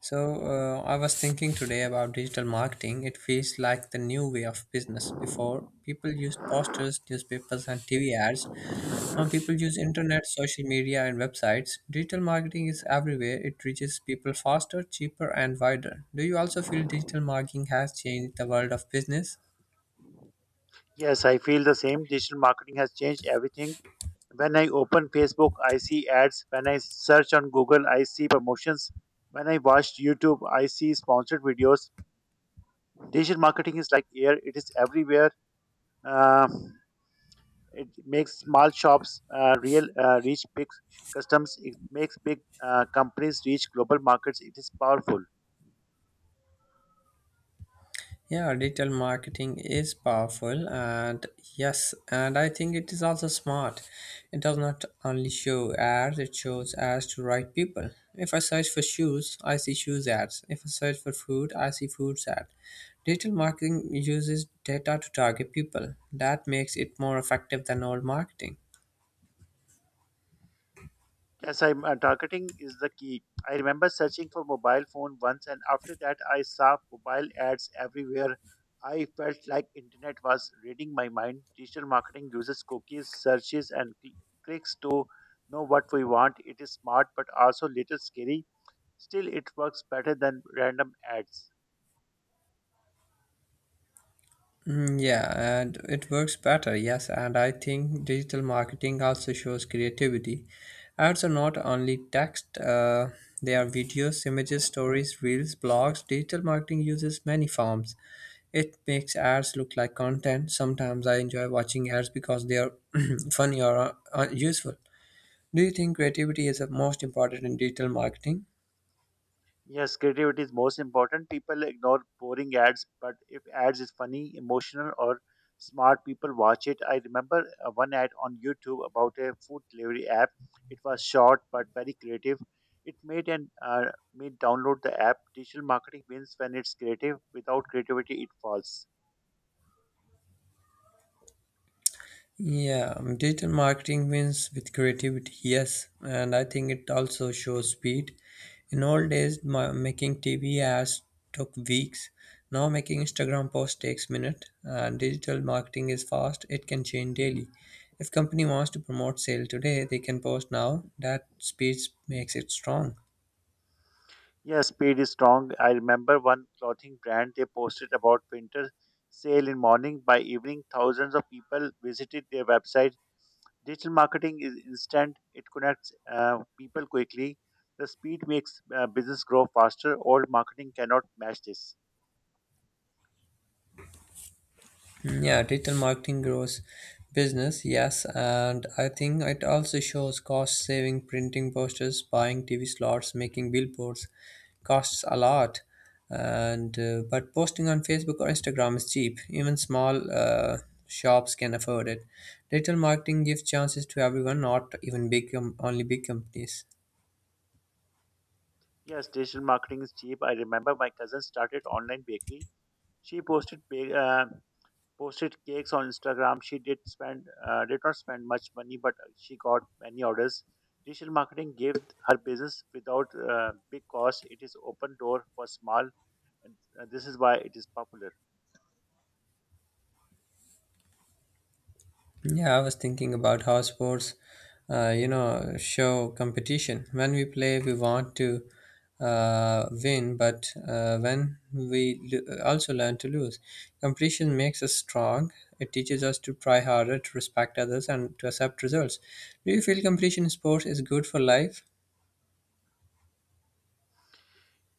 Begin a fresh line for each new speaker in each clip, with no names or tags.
I was thinking today about digital marketing. It feels like the new way of business. Before, people used posters, newspapers, and TV ads. Now, people use internet, social media, and websites. Digital marketing is everywhere. It reaches people faster, cheaper, and wider. Do you also feel digital marketing has changed the world of business?
Yes, I feel the same. Digital marketing has changed everything. When I open Facebook, I see ads. When I search on Google, I see promotions. When I watch YouTube, I see sponsored videos. Digital marketing is like air, it is everywhere. Uh, it makes small shops real reach big customers. It makes big companies reach global markets. It is powerful.
Yeah, digital marketing is powerful, and yes, and I think it is also smart. It does not only show ads, it shows ads to right people. If I search for shoes, I see shoes ads. If I search for food, I see foods ad. Digital marketing uses data to target people. That makes it more effective than old marketing.
Yes, I'm targeting is the key. I remember searching for mobile phone once, and after that, I saw mobile ads everywhere. I felt like internet was reading my mind. Digital marketing uses cookies, searches, and clicks to know what we want. It is smart, but also little scary. Still, it works better than random ads.
Yeah, and it works better, yes. And I think digital marketing also shows creativity. Ads are not only text, they are videos, images, stories, reels, blogs. Digital marketing uses many forms. It makes ads look like content. Sometimes I enjoy watching ads because they are funny or useful. Do you think creativity is the most important in digital marketing?
Yes, creativity is most important. People ignore boring ads, but if ads is funny, emotional, or smart, people watch it. I remember one ad on YouTube about a food delivery app. It was short but very creative. It made download the app. Digital marketing wins when it's creative. Without creativity, it falls.
Yeah, Digital marketing wins with creativity, yes, and I think it also shows speed. In old days, making TV ads took weeks. Now, making Instagram post takes minutes, and digital marketing is fast. It can change daily. If company wants to promote sale today, they can post now. That speed makes it strong.
Yes, speed is strong. I remember one clothing brand. They posted about winter sale in morning. By evening, thousands of people visited their website. Digital marketing is instant, it connects people quickly. The speed makes business grow faster. Old marketing cannot match this.
Yeah, digital marketing grows business, yes, and I think it also shows cost saving printing posters, buying TV slots, making billboards costs a lot. And but posting on Facebook or Instagram is cheap. Even small shops can afford it. Digital marketing gives chances to everyone, not even only big companies.
Yes, digital marketing is cheap. I remember my cousin started online bakery. She posted cakes on Instagram. She did not spend much money, but she got many orders. Digital marketing gave her business without big cost. It is open door for small. And This is why it is popular.
Yeah, I was thinking about how sports, show competition. When we play, we want to win, but when we also learn to lose, competition makes us strong. It teaches us to try harder, to respect others, and to accept results. Do you feel competition in sports is good for life?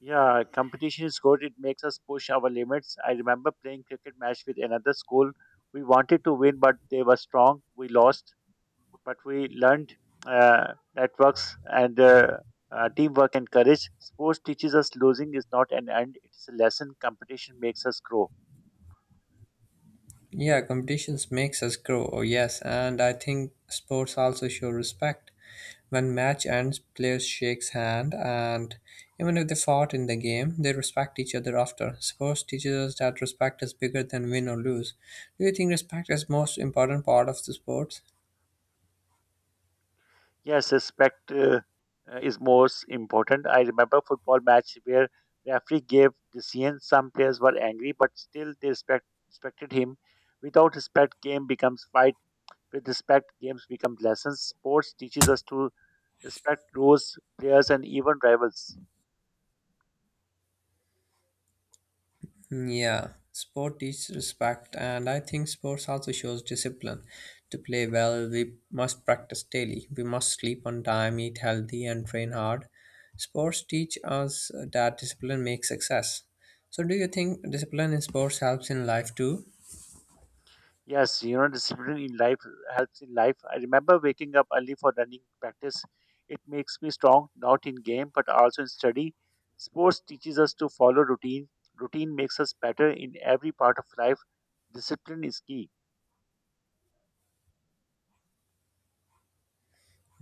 Yeah, competition is good. It makes us push our limits. I remember playing cricket match with another school. We wanted to win, but they were strong. We lost, but we learned networks and teamwork and courage. Sports teaches us losing is not an end; it is a lesson. Competition makes us grow.
Yeah, competitions makes us grow. Oh, yes, and I think sports also show respect. When match ends, players shakes hand, and even if they fought in the game, they respect each other after. Sports teaches us that respect is bigger than win or lose. Do you think respect is most important part of the sports?
Yes, respect is most important. I remember football match where referee gave decision. Some players were angry, but still respected him. Without respect, game becomes fight. With respect, games become lessons. Sports teaches us to respect rules, players, and even rivals.
Yeah, sport teaches respect, and I think sports also shows discipline. To play well, we must practice daily. We must sleep on time, eat healthy, and train hard. Sports teach us that discipline makes success. So, do you think discipline in sports helps in life too?
Yes, you know, discipline in life helps in life. I remember waking up early for running practice. It makes me strong, not in game, but also in study. Sports teaches us to follow routine. Routine makes us better in every part of life. Discipline is key.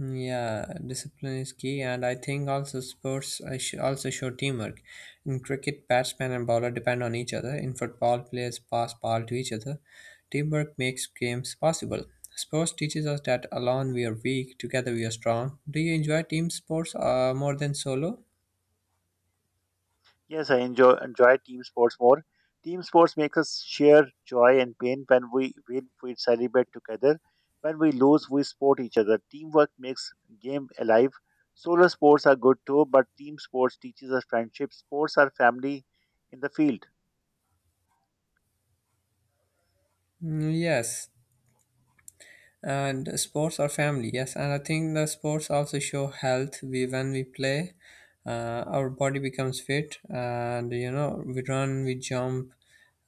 Yeah, discipline is key, and I think also sports also show teamwork. In cricket, batsman and bowler depend on each other. In football, players pass ball to each other. Teamwork makes games possible. Sports teaches us that alone we are weak, together we are strong. Do you enjoy team sports more than solo?
Yes, I enjoy team sports more. Team sports make us share joy and pain. When we win, we celebrate together. When we lose, we support each other. Teamwork makes game alive. Solo sports are good too, but team sports teaches us friendship. Sports are family in the field.
Yes, and sports are family, yes, and I think the sports also show health. We when we play, our body becomes fit, and you know we run, we jump,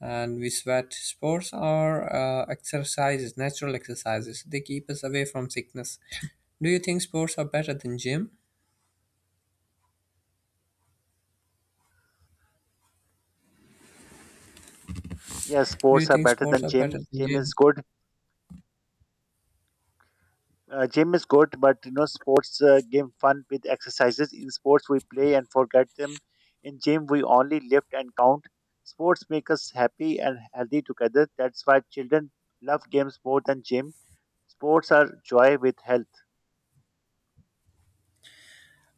and we sweat. Sports are exercises, natural exercises. They keep us away from sickness. Do you think sports are better than gym?
Yes,
Do you
sports are
think
better
sports
than
are
gym.
better than
Gym
gym?
is good. Gym is good, but you know, sports give fun with exercises. In sports, we play and forget them. In gym, we only lift and count. Sports make us happy and healthy together. That's why children love games more than gym. Sports are joy with health.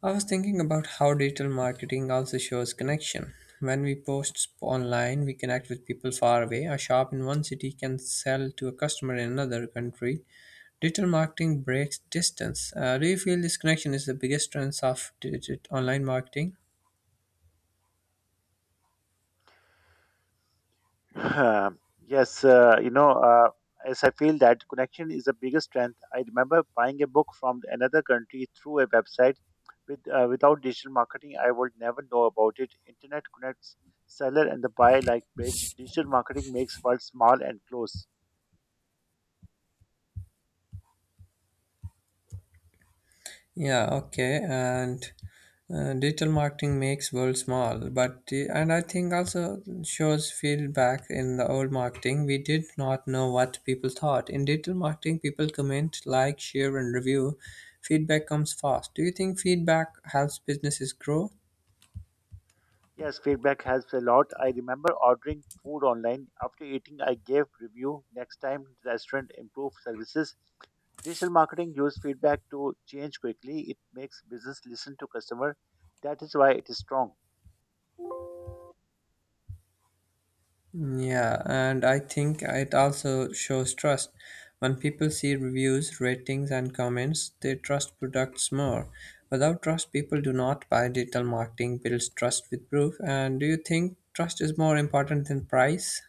I was thinking about how digital marketing also shows connection. When we post online, we connect with people far away. A shop in one city can sell to a customer in another country. Digital marketing breaks distance. Do you feel this connection is the biggest strength of digital online marketing?
Yes, you know, as I feel that connection is the biggest strength. I remember buying a book from another country through a website. Without digital marketing, I would never know about it. Internet connects seller and the buyer like bridge. Digital marketing makes world small and close.
Yeah, okay, and digital marketing makes world small, and I think also shows feedback in the old marketing. We did not know what people thought. In digital marketing, people comment, like, share, and review. Feedback comes fast. Do you think feedback helps businesses grow?
Yes, feedback helps a lot. I remember ordering food online. After eating, I gave review. Next time, restaurant improve services. Digital marketing use feedback to change quickly. It makes business listen to customer. That is why it is strong.
Yeah, and I think it also shows trust. When people see reviews, ratings, and comments, they trust products more. Without trust, people do not buy. Digital marketing builds trust with proof. And do you think trust is more important than price?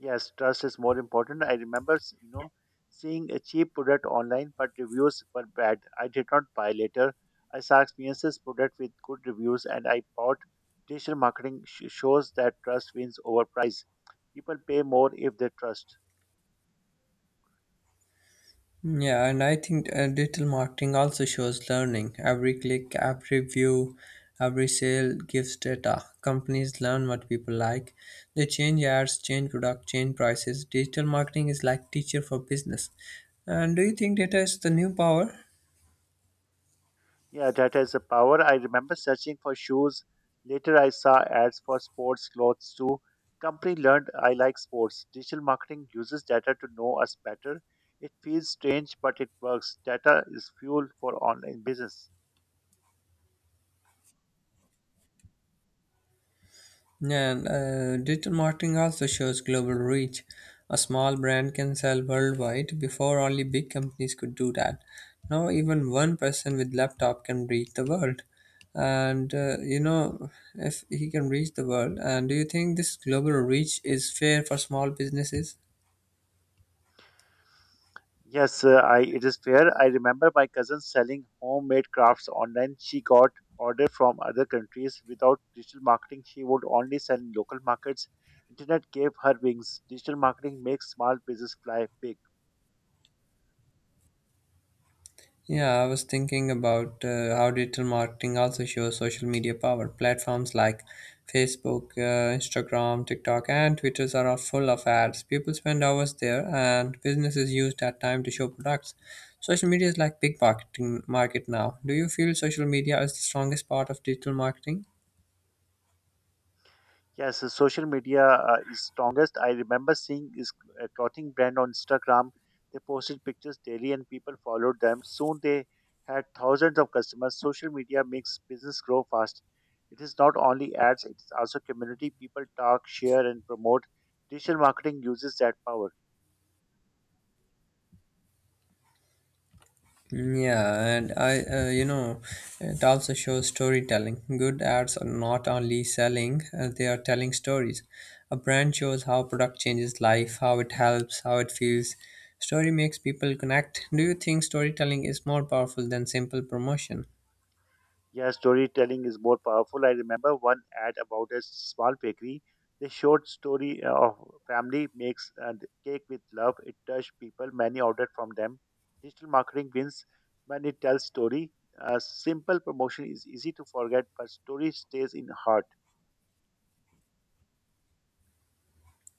Yes, trust is more important. You know, seeing a cheap product online, but reviews were bad. I did not buy later. I saw experiences product with good reviews, and I bought. Digital marketing shows that trust wins over price. People pay more if they trust.
Yeah, and I think digital marketing also shows learning. Every click, every view, every sale gives data. Companies learn what people like. They change ads, change product, change prices. Digital marketing is like teacher for business. And do you think data is the new power?
Yeah, that has a power. I remember searching for shoes. Later, I saw ads for sports clothes too. Company learned I like sports. Digital marketing uses data to know us better. It feels strange, but it works. Data is fuel for online business.
Digital marketing also shows global reach. A small brand can sell worldwide before only big companies could do that. Now even one person with laptop can reach the world. And uh, you know, if he can reach the world, and do you think this global reach is fair for small businesses?
Yes, I it is fair. I remember my cousin selling homemade crafts online. She got order from other countries. Without digital marketing, she would only sell in local markets. Internet gave her wings. Digital marketing makes small business fly big.
Yeah, I was thinking about how digital marketing also shows social media power. Platforms like Facebook, Instagram, TikTok, and Twitters are all full of ads. People spend hours there, and businesses use that time to show products. Social media is like big marketing market now. Do you feel social media is the strongest part of digital marketing?
Yes, the social media is strongest. I remember seeing this clothing brand on Instagram. They posted pictures daily and people followed them. Soon they had thousands of customers. Social media makes business grow fast. It is not only ads, it is also community. People talk, share, and promote. Digital marketing uses that power.
Yeah, and I, you know, It also shows storytelling. Good ads are not only selling, they are telling stories. A brand shows how product changes life, how it helps, how it feels. Story makes people connect. Do you think storytelling is more powerful than simple promotion?
Yeah, storytelling is more powerful. I remember one ad about a small bakery. They showed story of family makes cake with love. It touched people. Many ordered from them. Digital marketing wins when it tells story. A simple promotion is easy to forget, but story stays in heart.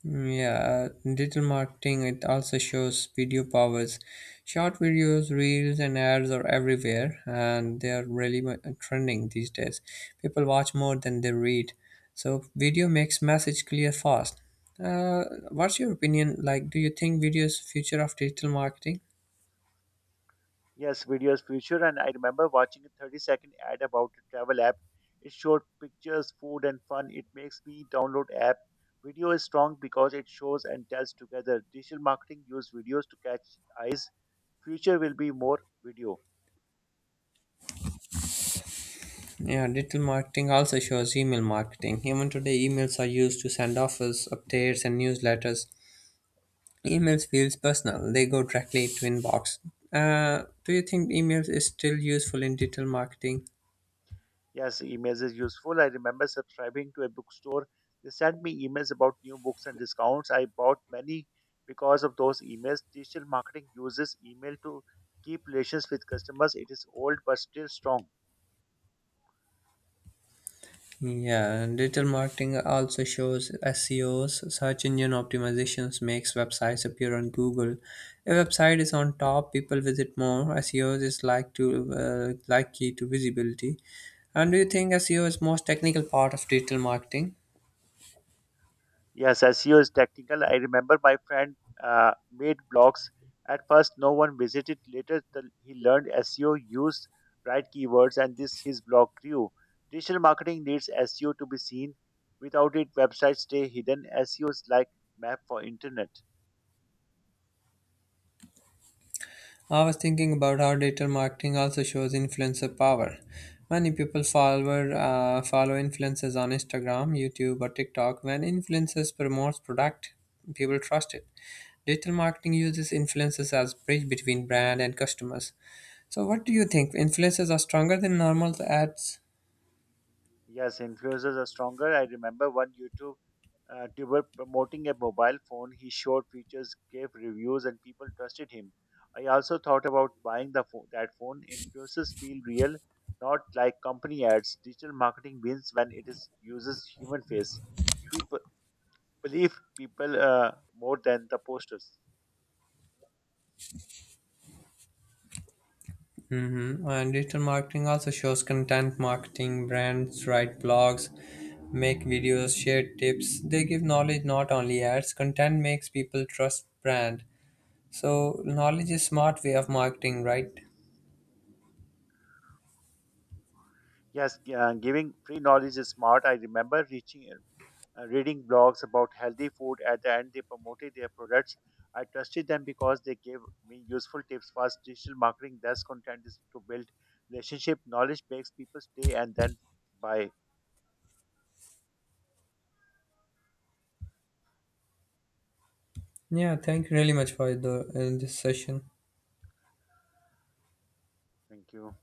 Yeah, digital marketing it also shows video powers. Short videos, reels, and ads are everywhere, and they are really trending these days. People watch more than they read, so video makes message clear fast. Uh, what's your opinion? Like, do you think video is future of digital marketing?
Yes, videos future, and I remember watching a 30-second ad about a travel app. It showed pictures, food, and fun. It makes me download app. Video is strong because it shows and tells together. Digital marketing use videos to catch eyes. Future will be more video.
Yeah, digital marketing also shows email marketing. Even today, emails are used to send offers, updates, and newsletters. Emails feels personal. They go directly to inbox. Do you think emails is still useful in digital marketing?
Yes, emails is useful. I remember subscribing to a bookstore. They sent me emails about new books and discounts. I bought many because of those emails. Digital marketing uses email to keep relations with customers. It is old but still strong.
Yeah, and digital marketing also shows SEOs, search engine optimizations makes websites appear on Google. A website is on top, people visit more. SEOs is like to like key to visibility. And do you think SEO is most technical part of digital marketing?
Yes, SEO is technical. I remember my friend made blogs. At first, no one visited. Later, he learned SEO, used right keywords, and this his blog grew. Digital marketing needs SEO to be seen. Without it, websites stay hidden. SEO is like map for internet.
I was thinking about how digital marketing also shows influencer power. Many people follow influencers on Instagram, YouTube, or TikTok. When influencers promotes product, people trust it. Digital marketing uses influencers as bridge between brand and customers. So, what do you think? Influencers are stronger than normal ads?
Yes, influencers are stronger. I remember one YouTube tuber promoting a mobile phone. He showed features, gave reviews, and people trusted him. I also thought about buying that phone. Influencers feel real, not like company ads. Digital marketing wins when it is uses human face. People believe people more than the posters.
Mm-hmm. And digital marketing also shows content marketing. Brands write blogs, make videos, share tips. They give knowledge, not only ads. Content makes people trust brand. So knowledge is smart way of marketing, right?
Yes, giving free knowledge is smart. I remember reaching reading blogs about healthy food. At the end, they promoted their products. I trusted them because they gave me useful tips. First, digital marketing Thus, content is to build relationship. Knowledge makes people stay and then buy.
Yeah. Thank you really much for the this session.
Thank you.